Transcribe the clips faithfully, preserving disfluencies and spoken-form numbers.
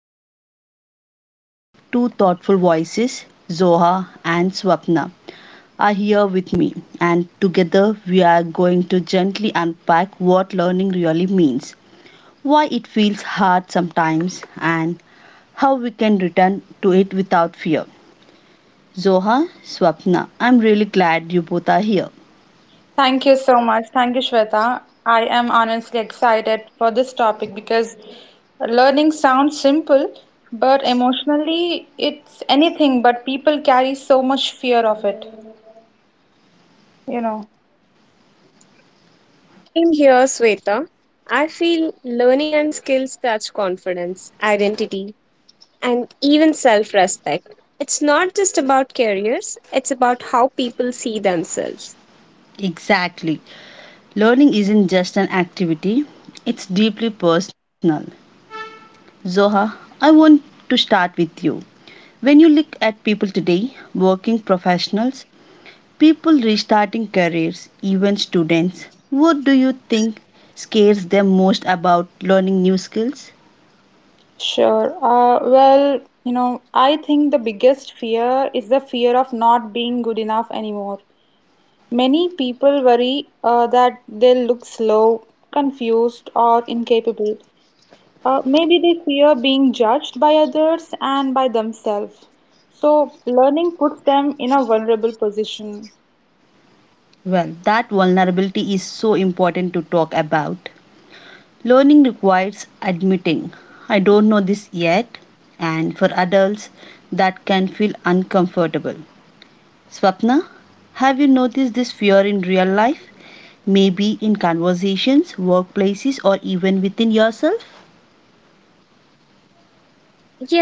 joined today by two thoughtful voices, Zoha and Swapna, are here with me, and together we are going to gently unpack what learning really means, why it feels hard sometimes, and how we can return to it without fear. Zoha, Swapna, I'm really glad you both are here. Thank you so much. Thank you, Shweta. I am honestly excited for this topic because learning sounds simple, but emotionally it's anything, but people carry so much fear of it, you know. Same here, Sweta. I feel learning and skills touch confidence, identity, and even self respect. It's not just about careers, it's about how people see themselves. Exactly. Learning isn't just an activity, it's deeply personal. Zoha, I want to start with you. When you look at people today, working professionals, people restarting careers, even students, what do you think scares them most about learning new skills? Sure. Uh, well, you know, I think the biggest fear is the fear of not being good enough anymore. Many people worry uh, that they'll look slow, confused, or incapable. Uh, maybe they fear being judged by others and by themselves. So, learning puts them in a vulnerable position. Well, that vulnerability is so important to talk about. Learning requires admitting, I don't know this yet, and for adults, that can feel uncomfortable. Swapna, have you noticed this fear in real life? Maybe in conversations, workplaces, or even within yourself?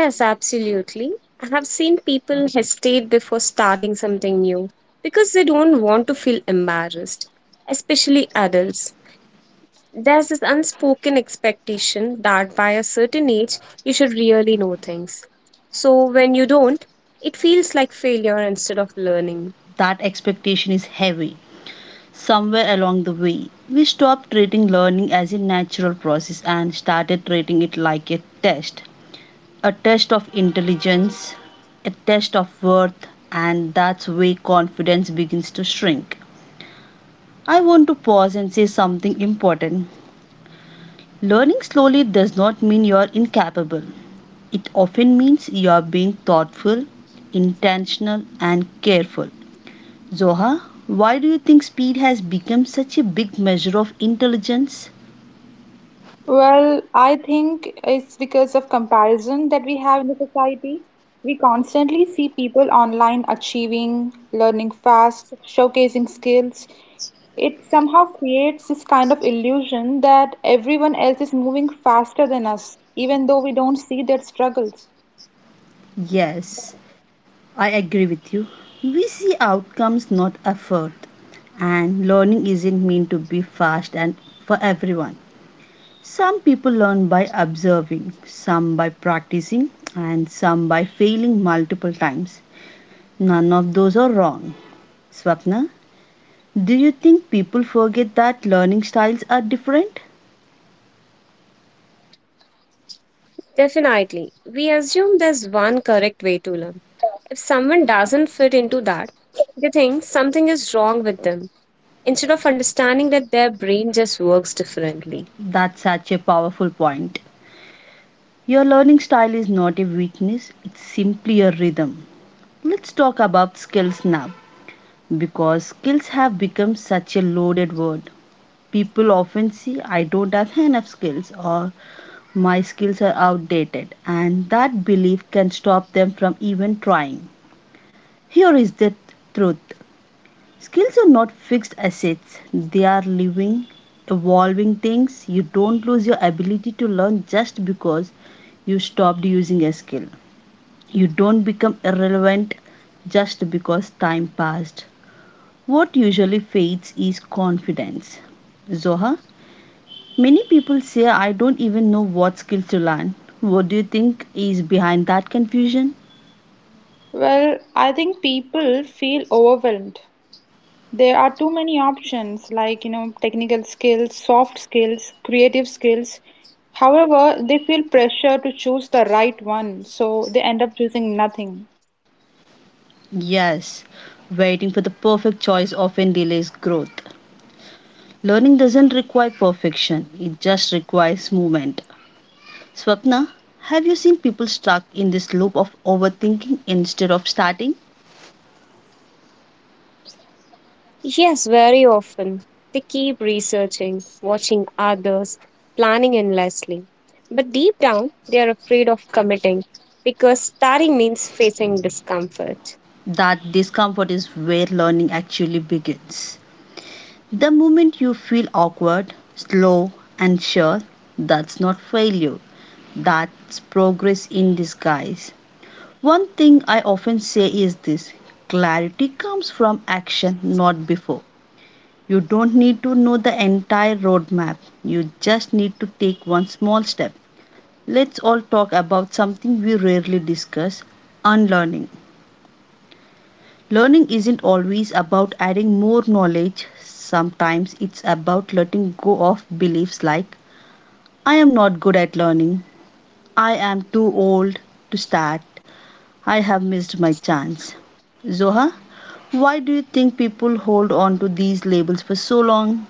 Yes, absolutely. I have seen people hesitate before starting something new because they don't want to feel embarrassed, especially adults. There's this unspoken expectation that by a certain age, you should really know things. So when you don't, it feels like failure instead of learning. That expectation is heavy. Somewhere along the way, we stopped treating learning as a natural process and started treating it like a test. A test of intelligence, a test of worth, and that's where confidence begins to shrink. I want to pause and say something important. Learning slowly does not mean you are incapable, it often means you are being thoughtful, intentional, and careful. Zoha, why do you think speed has become such a big measure of intelligence? Well, I think it's because of comparison that we have in the society. We constantly see people online achieving, learning fast, showcasing skills. It somehow creates this kind of illusion that everyone else is moving faster than us, even though we don't see their struggles. Yes, I agree with you. We see outcomes, not effort. And learning isn't meant to be fast and for everyone. Some people learn by observing, some by practicing, and some by failing multiple times. None of those are wrong. Swapna, do you think people forget that learning styles are different? Definitely, we assume there's one correct way to learn. If someone doesn't fit into that, they think something is wrong with them instead of understanding that their brain just works differently. That's such a powerful point. Your learning style is not a weakness, it's simply a rhythm. Let's talk about skills now, because skills have become such a loaded word. People often see I don't have enough skills or my skills are outdated, and that belief can stop them from even trying. Here is the truth: skills are not fixed assets, they are living, evolving things. You don't lose your ability to learn just because you stopped using a skill. You don't become irrelevant just because time passed. What usually fades is confidence. Zoha, many people say I don't even know what skill to learn. What do you think is behind that confusion? Well, I think people feel overwhelmed. There are too many options like, you know, technical skills, soft skills, creative skills. However, they feel pressure to choose the right one, so they end up choosing nothing. Yes, waiting for the perfect choice often delays growth. Learning doesn't require perfection, it just requires movement. Swapna, have you seen people stuck in this loop of overthinking instead of starting? Yes, very often. They keep researching, watching others, planning endlessly. But deep down, they are afraid of committing because starting means facing discomfort. That discomfort is where learning actually begins. The moment you feel awkward, slow, and sure, that's not failure. That's progress in disguise. One thing I often say is this: clarity comes from action, not before. You don't need to know the entire roadmap, you just need to take one small step. Let's all talk about something we rarely discuss: unlearning. Learning isn't always about adding more knowledge. Sometimes it's about letting go of beliefs like, I am not good at learning, I am too old to start, I have missed my chance. Zoha, why do you think people hold on to these labels for so long?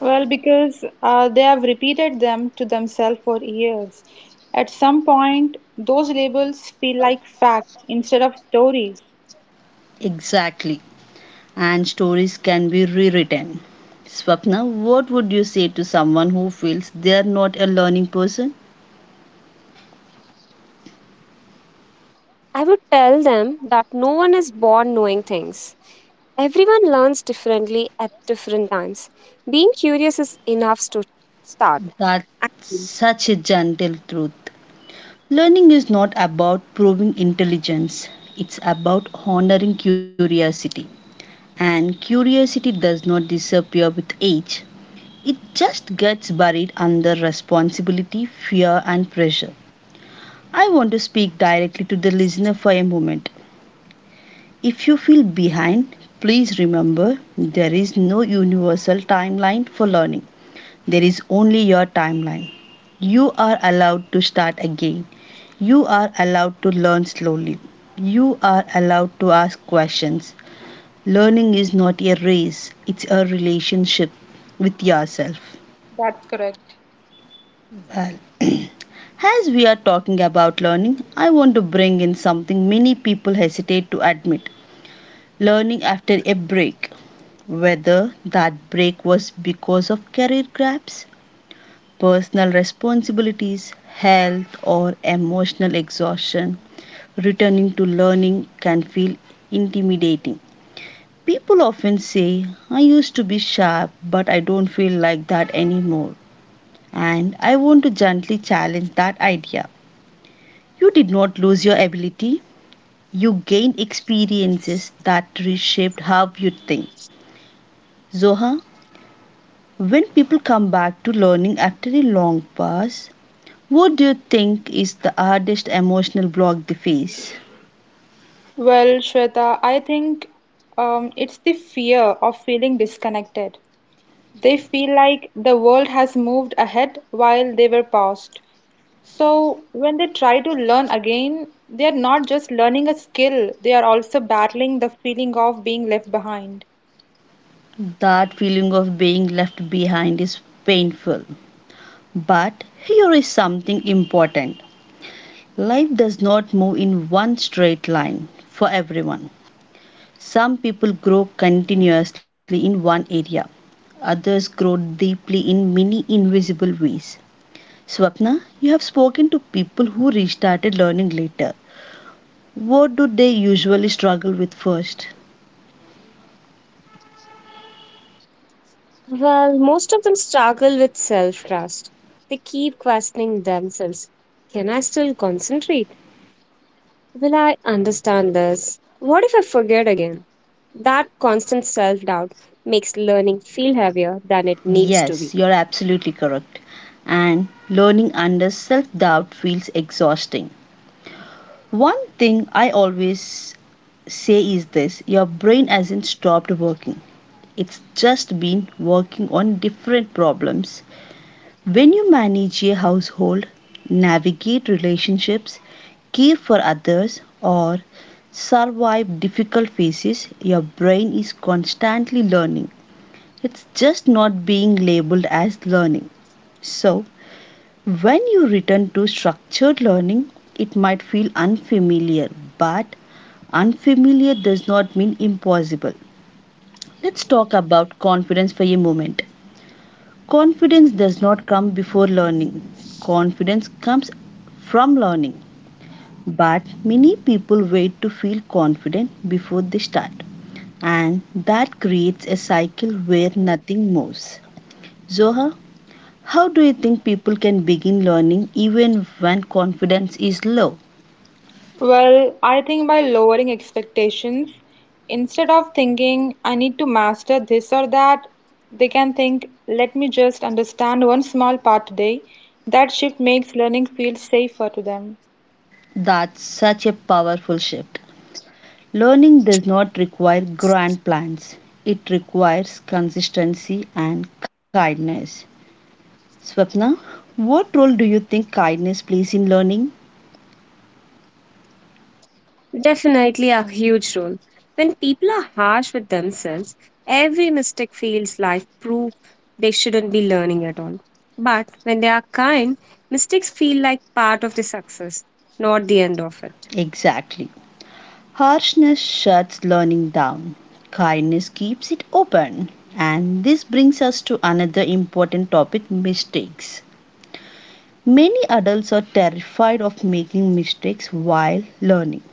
Well, because uh, they have repeated them to themselves for years. At some point, those labels feel like facts instead of stories. Exactly, and stories can be rewritten. Swapna, what would you say to someone who feels they are not a learning person? That's such a gentle truth. Learning is not about proving intelligence, it's about honoring curiosity. And curiosity does not disappear with age, it just gets buried under responsibility, fear, and pressure. I want to speak directly to the listener for a moment. If you feel behind, please remember there is no universal timeline for learning, there is only your timeline. You are allowed to start again. You are allowed to learn slowly. You are allowed to ask questions. Learning is not a race, it's a relationship with yourself. That's correct. Well, as we are talking about learning, I want to bring in something many people hesitate to admit: learning after a break. Whether that break was because of career grabs, personal responsibilities, health, or emotional exhaustion, returning to learning can feel intimidating. People often say, I used to be sharp, but I don't feel like that anymore. And I want to gently challenge that idea. You did not lose your ability, you gained experiences that reshaped how you think. Zoha, when people come back to learning after a long pause, what do you think is the hardest emotional block they face? Well, Shweta, I think um, it's the fear of feeling disconnected. They feel like the world has moved ahead while they were paused. So, when they try to learn again, they are not just learning a skill, they are also battling the feeling of being left behind. That feeling of being left behind is painful. But here is something important: life does not move in one straight line for everyone. Some people grow continuously in one area, others grow deeply in many invisible ways. Swapna, you have spoken to people who restarted learning later. What do they usually struggle with first? Well, most of them struggle with self trust. They keep questioning themselves. Can I still concentrate? Will I understand this? What if I forget again? That constant self doubt makes learning feel heavier than it needs to be. Yes, you're absolutely correct. And learning under self doubt feels exhausting. One thing I always say is this: your brain hasn't stopped working. It's just been working on different problems. When you manage a household, navigate relationships, care for others, or survive difficult phases, your brain is constantly learning. It's just not being labeled as learning. So, when you return to structured learning, it might feel unfamiliar, but unfamiliar does not mean impossible. Let's talk about confidence for a moment. Confidence does not come before learning, confidence comes from learning. But many people wait to feel confident before they start, and that creates a cycle where nothing moves. Zoha, how do you think people can begin learning even when confidence is low? Well, I think by lowering expectations, instead of thinking I need to master this or that, they can think, let me just understand one small part today. That shift makes learning feel safer to them. That's such a powerful shift. Learning does not require grand plans. It requires consistency and kindness. Swapna, what role do you think kindness plays in learning? Definitely a huge role. When people are harsh with themselves, every mistake feels like proof they shouldn't be learning at all. But when they are kind, mistakes feel like part of the success, not the end of it. Exactly. Harshness shuts learning down. Kindness keeps it open. And this brings us to another important topic: mistakes. Many adults are terrified of making mistakes while learning.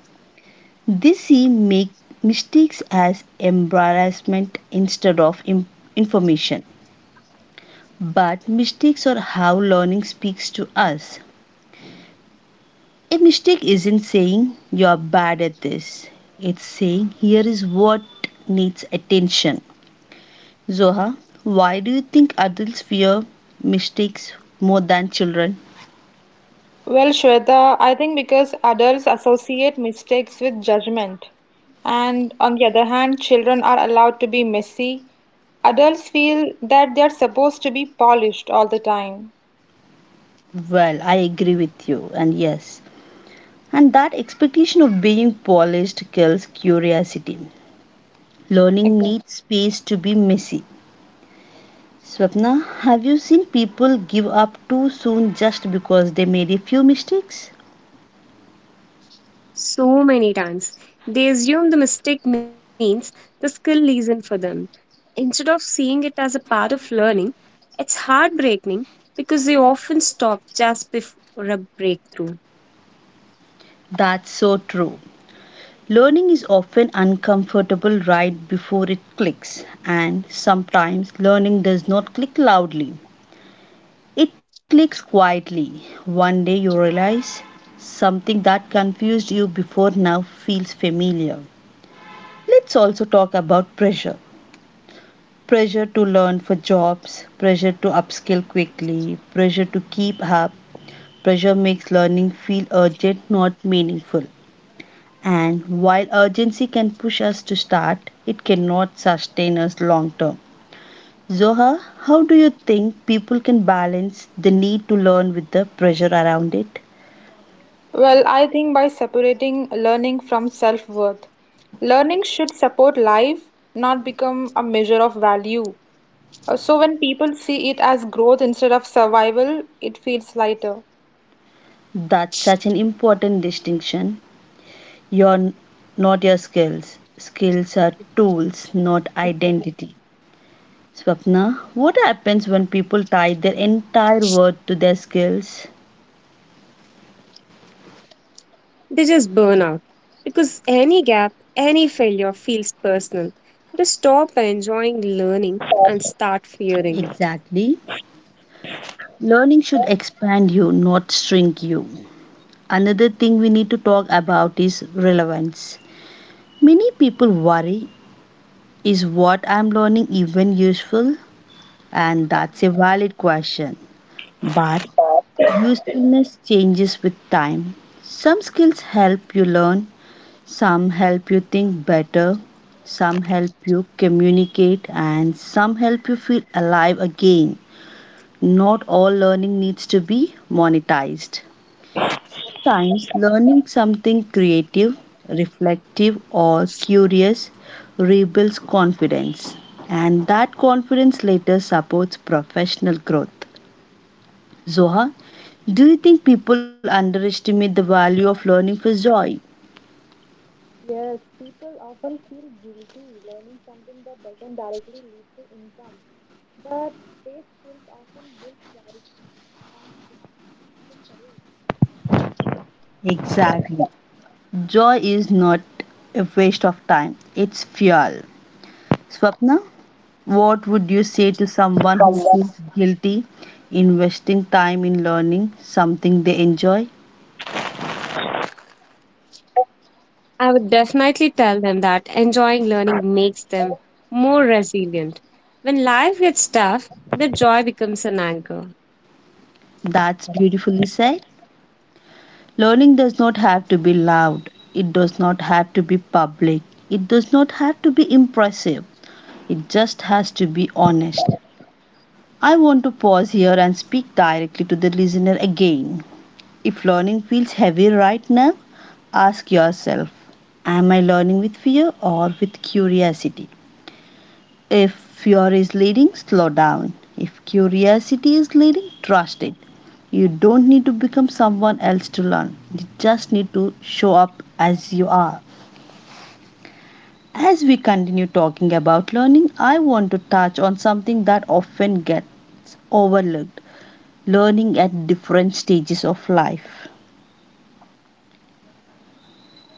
This make mistakes as embarrassment instead of im- information. But mistakes are how learning speaks to us. A mistake isn't saying you're bad at this, it's saying here is what needs attention. Zoha, why do you think adults fear mistakes more than children? Well, Shweta, I think because adults associate mistakes with judgment, and on the other hand, children are allowed to be messy. Adults feel that they are supposed to be polished all the time. Well, I agree with you, and yes, and that expectation of being polished kills curiosity. Learning Exactly. needs space to be messy. Swapna, have you seen people give up too soon just because they made a few mistakes? So many times. They assume the mistake means the skill isn't for them, instead of seeing it as a part of learning. It's heartbreaking because they often stop just before a breakthrough. That's so true. Learning is often uncomfortable right before it clicks, and sometimes learning does not click loudly. It clicks quietly. One day you realize something that confused you before now feels familiar. Let's also talk about pressure: pressure to learn for jobs, pressure to upskill quickly, pressure to keep up. Pressure makes learning feel urgent, not meaningful. And while urgency can push us to start, it cannot sustain us long term. Zoha, how do you think people can balance the need to learn with the pressure around it? Well, I think by separating learning from self-worth, learning should support life, not become a measure of value. Uh, So when people see it as growth instead of survival, it feels lighter. That's such an important distinction. You're n- not your skills. Skills are tools, not identity. Swapna, what happens when people tie their entire worth to their skills? They just burn out because any gap, any failure feels personal. They stop enjoying learning and start fearing it. Exactly. Learning should expand you, not shrink you. Another thing we need to talk about is relevance. Many people worry, is what I'm learning even useful? And that's a valid question. But usefulness changes with time. Some skills help you learn, some help you think better, some help you communicate, and some help you feel alive again. Not all learning needs to be monetized. Sometimes learning something creative, reflective, or curious rebuilds confidence, and that confidence later supports professional growth. Zoha, do you think people underestimate the value of learning for joy? Yes, people often feel guilty learning something that doesn't directly lead to income. But these skills often build clarity, confidence, even courage. Exactly. Joy is not a waste of time, it's fuel. Swapna, what would you say to someone who feels guilty in wasting time in learning something they enjoy? I would definitely tell them that enjoying learning makes them more resilient. When life gets tough, the joy becomes an anchor. That's beautifully said. Learning does not have to be loud, it does not have to be public, it does not have to be impressive, it just has to be honest. I want to pause here and speak directly to the listener again. If learning feels heavy right now, ask yourself, am I learning with fear or with curiosity? If fear is leading, slow down. If curiosity is leading, trust it. You don't need to become someone else to learn. You just need to show up as you are. As we continue talking about learning, I want to touch on something that often gets overlooked, learning at different stages of life.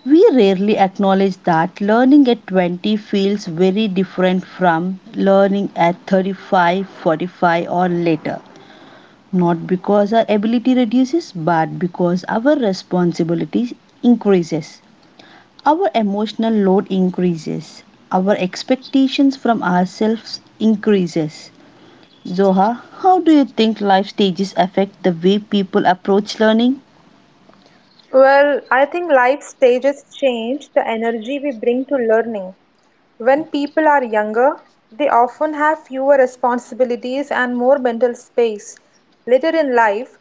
We rarely acknowledge that learning at twenty feels very different from learning at thirty-five, forty-five, or later. Not because our ability reduces, but because our responsibilities increases. Our emotional load increases. Our expectations from ourselves increases. Zoha, how do you think life stages affect the way people approach learning? Well, I think life stages change the energy we bring to learning. When people are younger, they often have fewer responsibilities and more mental space. Later in life,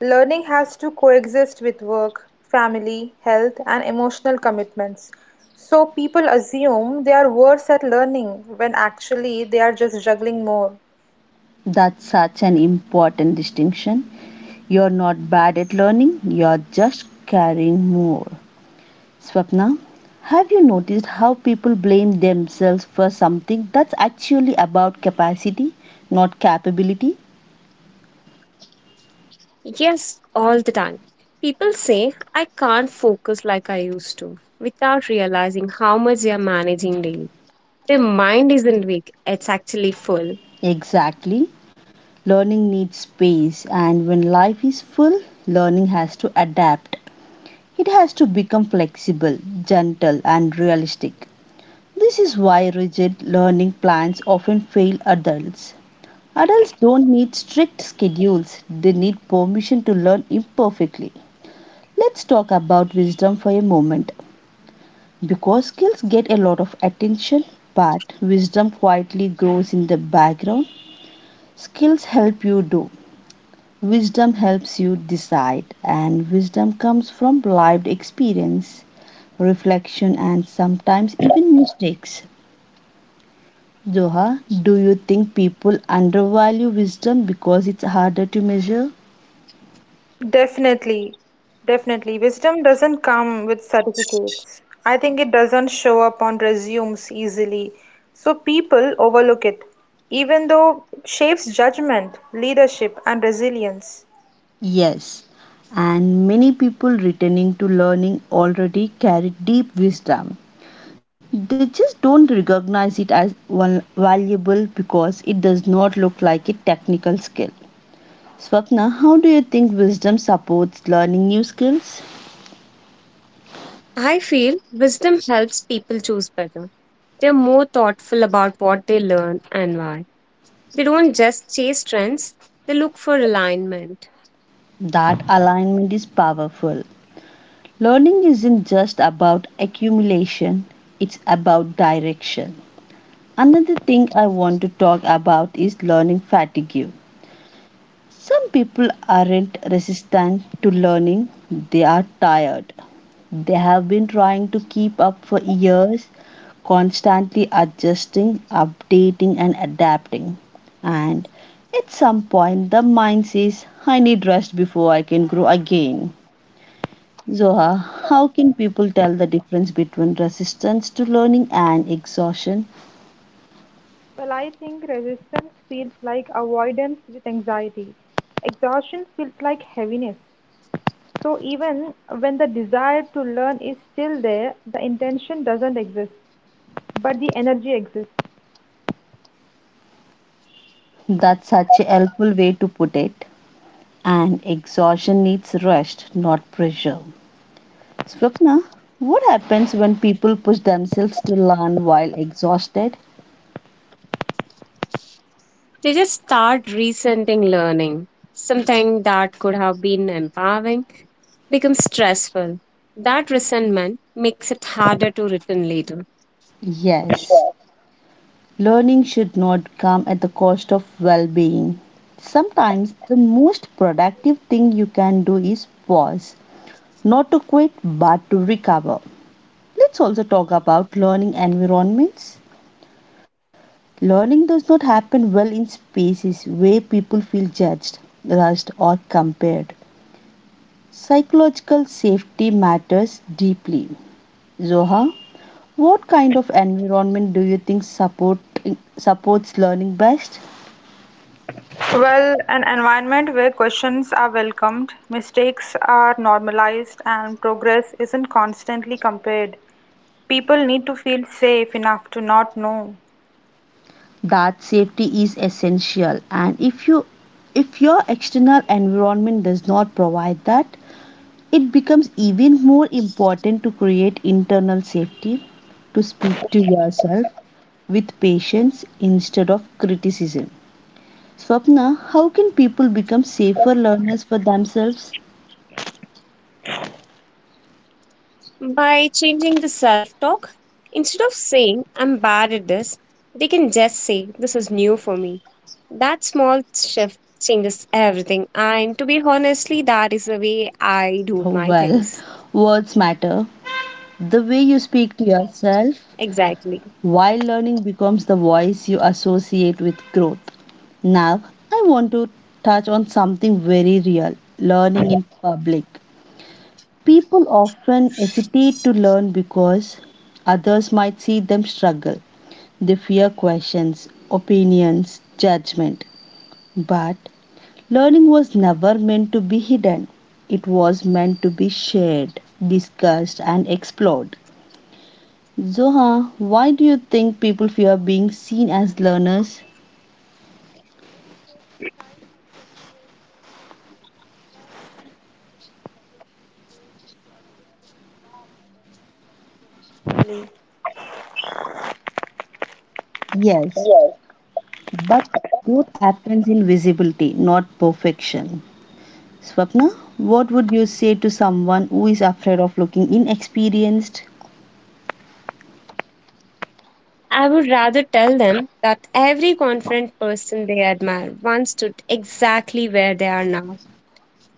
learning has to coexist with work, family, health, and emotional commitments. So people assume they are worse at learning when actually they are just juggling more. That's such an important distinction. You're not bad at learning, you're just carrying more. Swapna, have you noticed how people blame themselves for something that's actually about capacity, not capability? Yes, all the time. People say, I can't focus like I used to, without realizing how much they are managing daily. Their mind isn't weak, it's actually full. Exactly. Learning needs space, and when life is full, learning has to adapt. It has to become flexible, gentle, and realistic. This is why rigid learning plans often fail adults. Adults don't need strict schedules, they need permission to learn imperfectly. Let's talk about wisdom for a moment. Because skills get a lot of attention, but wisdom quietly grows in the background. Skills help you do, wisdom helps you decide, and wisdom comes from lived experience, reflection, and sometimes even mistakes. Zoha, do you think people undervalue wisdom because it's harder to measure? Definitely, definitely. Wisdom doesn't come with certificates. I think it doesn't show up on resumes easily. So people overlook it, even though it shapes judgment, leadership, and resilience. Yes, and many people returning to learning already carry deep wisdom. They just don't recognize it as val- valuable because it does not look like a technical skill. Swapna, how do you think wisdom supports learning new skills? I feel wisdom helps people choose better. They're more thoughtful about what they learn and why. They don't just chase trends, they look for alignment. That alignment is powerful. Learning isn't just about accumulation, it's about direction. Another thing I want to talk about is learning fatigue. Some people aren't resistant to learning, they are tired. They have been trying to keep up for years, constantly adjusting, updating, and adapting. And at some point, the mind says, I need rest before I can grow again. Zoha, how can people tell the difference between resistance to learning and exhaustion? Well, I think resistance feels like avoidance with anxiety. Exhaustion feels like heaviness. So, even when the desire to learn is still there, the intention doesn't exist, but the energy exists. That's such a helpful way to put it. And exhaustion needs rest, not pressure. Swapna, what happens when people push themselves to learn while exhausted? They just start resenting learning. Something that could have been empowering becomes stressful. That resentment makes it harder to return later. Yes, learning should not come at the cost of well being. Sometimes the most productive thing you can do is pause, not to quit but to recover. Let's also talk about learning environments. Learning does not happen well in spaces where people feel judged, rushed, or compared. Psychological safety matters deeply. Zoha, what kind of environment do you think support, supports learning best? Well, an environment where questions are welcomed, mistakes are normalized, and progress isn't constantly compared. People need to feel safe enough to not know. That safety is essential, and if you if your external environment does not provide that, it becomes even more important to create internal safety, to speak to yourself with patience instead of criticism. Swapna, how can people become safer learners for themselves? By changing the self talk, instead of saying, I'm bad at this, they can just say, this is new for me. That small shift changes everything. And to be honestly, that is the way I do Oh, my well, things. words matter. The way you speak to yourself Exactly. while learning becomes the voice you associate with growth. Now, I want to touch on something very real, learning in public. People often hesitate to learn because others might see them struggle. They fear questions, opinions, judgment. But learning was never meant to be hidden, it was meant to be shared, discussed, and explored. Zoha, why do you think people fear being seen as learners? Yes, but growth happens in visibility, not perfection. Swapna, what would you say to someone who is afraid of looking inexperienced? I would rather tell them that every confident person they admire once stood exactly where they are now.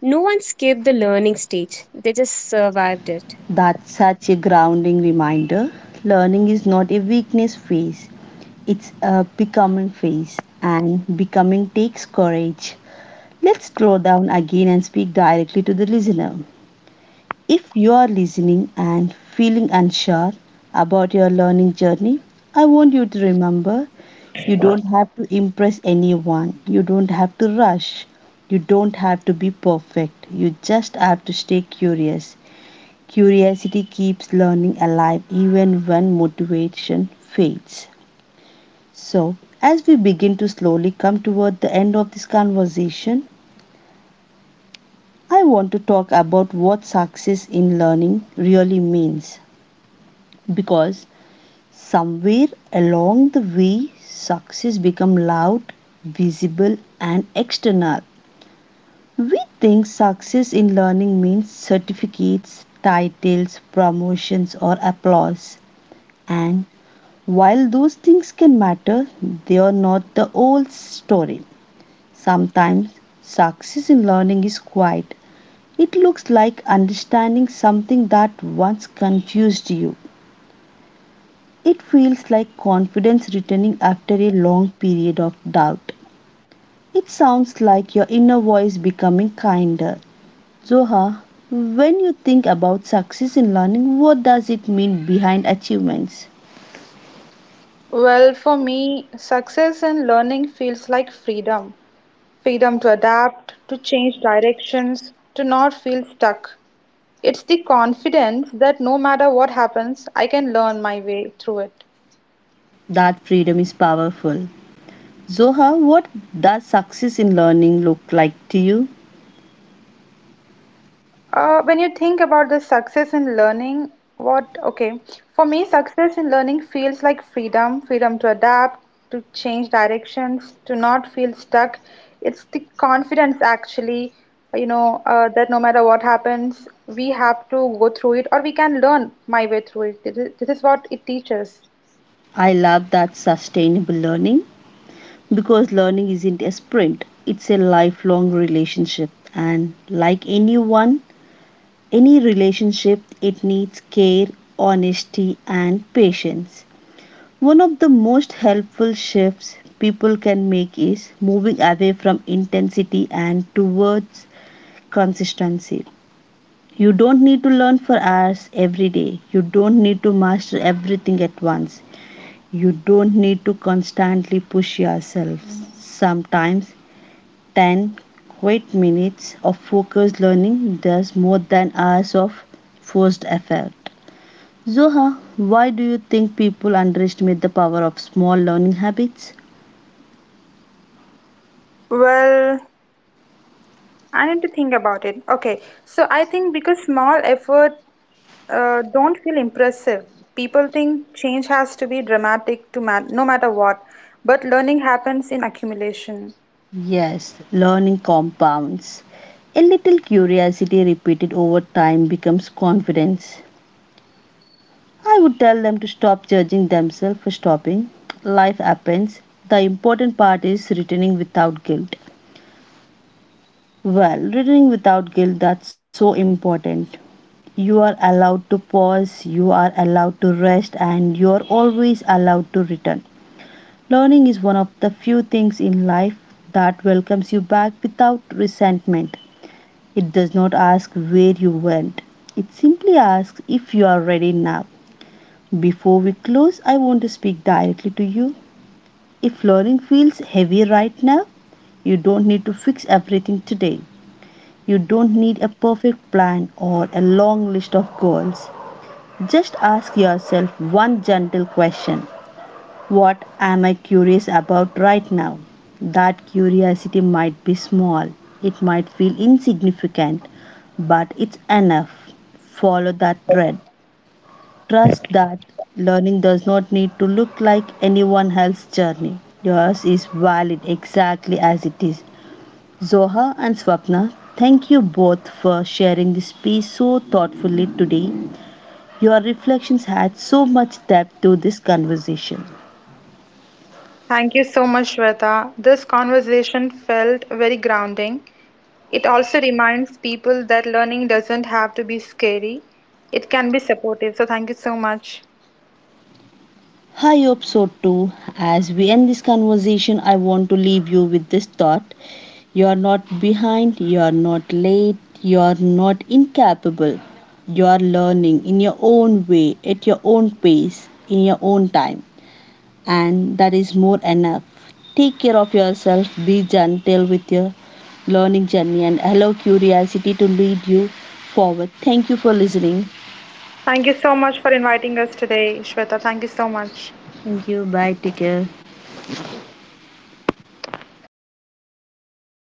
No one skipped the learning stage, they just survived it. That's such a grounding reminder. Learning is not a weakness phase, it's a becoming phase, and becoming takes courage. Let's slow down again and speak directly to the listener. If you are listening and feeling unsure about your learning journey, I want you to remember, you don't have to impress anyone, you don't have to rush, you don't have to be perfect, you just have to stay curious. Curiosity keeps learning alive even when motivation fades. So, as we begin to slowly come toward the end of this conversation, I want to talk about what success in learning really means. Because somewhere along the way, success become loud, visible, and external. We think success in learning means certificates, titles, promotions, or applause, and while those things can matter, they are not the whole story. Sometimes success in learning is quiet. It looks like understanding something that once confused you. It feels like confidence returning after a long period of doubt. It sounds like your inner voice becoming kinder. Zoha, when you think about success in learning, what does it mean behind achievements? Well, for me, success in learning feels like freedom, freedom to adapt, to change directions, to not feel stuck. It's the confidence that no matter what happens, I can learn my way through it. That freedom is powerful. Zoha, what does success in learning look like to you? Uh, when you think about the success in learning, what, okay, for me, success in learning feels like freedom, freedom to adapt, to change directions, to not feel stuck. It's the confidence actually, you know, uh, that no matter what happens, we have to go through it or we can learn my way through it. This is, this is what it teaches. I love that, sustainable learning, because learning isn't a sprint, it's a lifelong relationship. And like anyone, any relationship, it needs care, honesty, and patience. One of the most helpful shifts people can make is moving away from intensity and towards consistency. You don't need to learn for hours every day, you don't need to master everything at once, you don't need to constantly push yourself. Sometimes ten quiet minutes of focused learning does more than hours of forced effort. Zoha, why do you think people underestimate the power of small learning habits? Well, I need to think about it. Okay, so I think because small effort uh, don't feel impressive. People think change has to be dramatic to mat no matter what, but learning happens in accumulation. Yes, learning compounds. A little curiosity repeated over time becomes confidence. I would tell them to stop judging themselves for stopping. Life happens. The important part is returning without guilt. Well, returning without guilt, that's so important. You are allowed to pause, you are allowed to rest, and you are always allowed to return. Learning is one of the few things in life that welcomes you back without resentment. It does not ask where you went, it simply asks if you are ready now. Before we close, I want to speak directly to you. If learning feels heavy right now, you don't need to fix everything today. You don't need a perfect plan or a long list of goals. Just ask yourself one gentle question. What am I curious about right now? That curiosity might be small, it might feel insignificant, but it's enough. Follow that thread. Trust that learning does not need to look like anyone else's journey. Yours is valid exactly as it is. Zoha and Swapna, thank you both for sharing this piece so thoughtfully today. Your reflections add so much depth to this conversation. Thank you so much, Shweta. This conversation felt very grounding. It also reminds people that learning doesn't have to be scary. It can be supportive. So thank you so much. I hope so too. As we end this conversation, I want to leave you with this thought. You are not behind, you are not late, you are not incapable. You are learning in your own way, at your own pace, in your own time, and that is more enough. Take care of yourself, be gentle with your learning journey, and allow curiosity to lead you forward. Thank you for listening. Thank you so much for inviting us today, Shweta. Thank you so much. Thank you. Bye. Take care.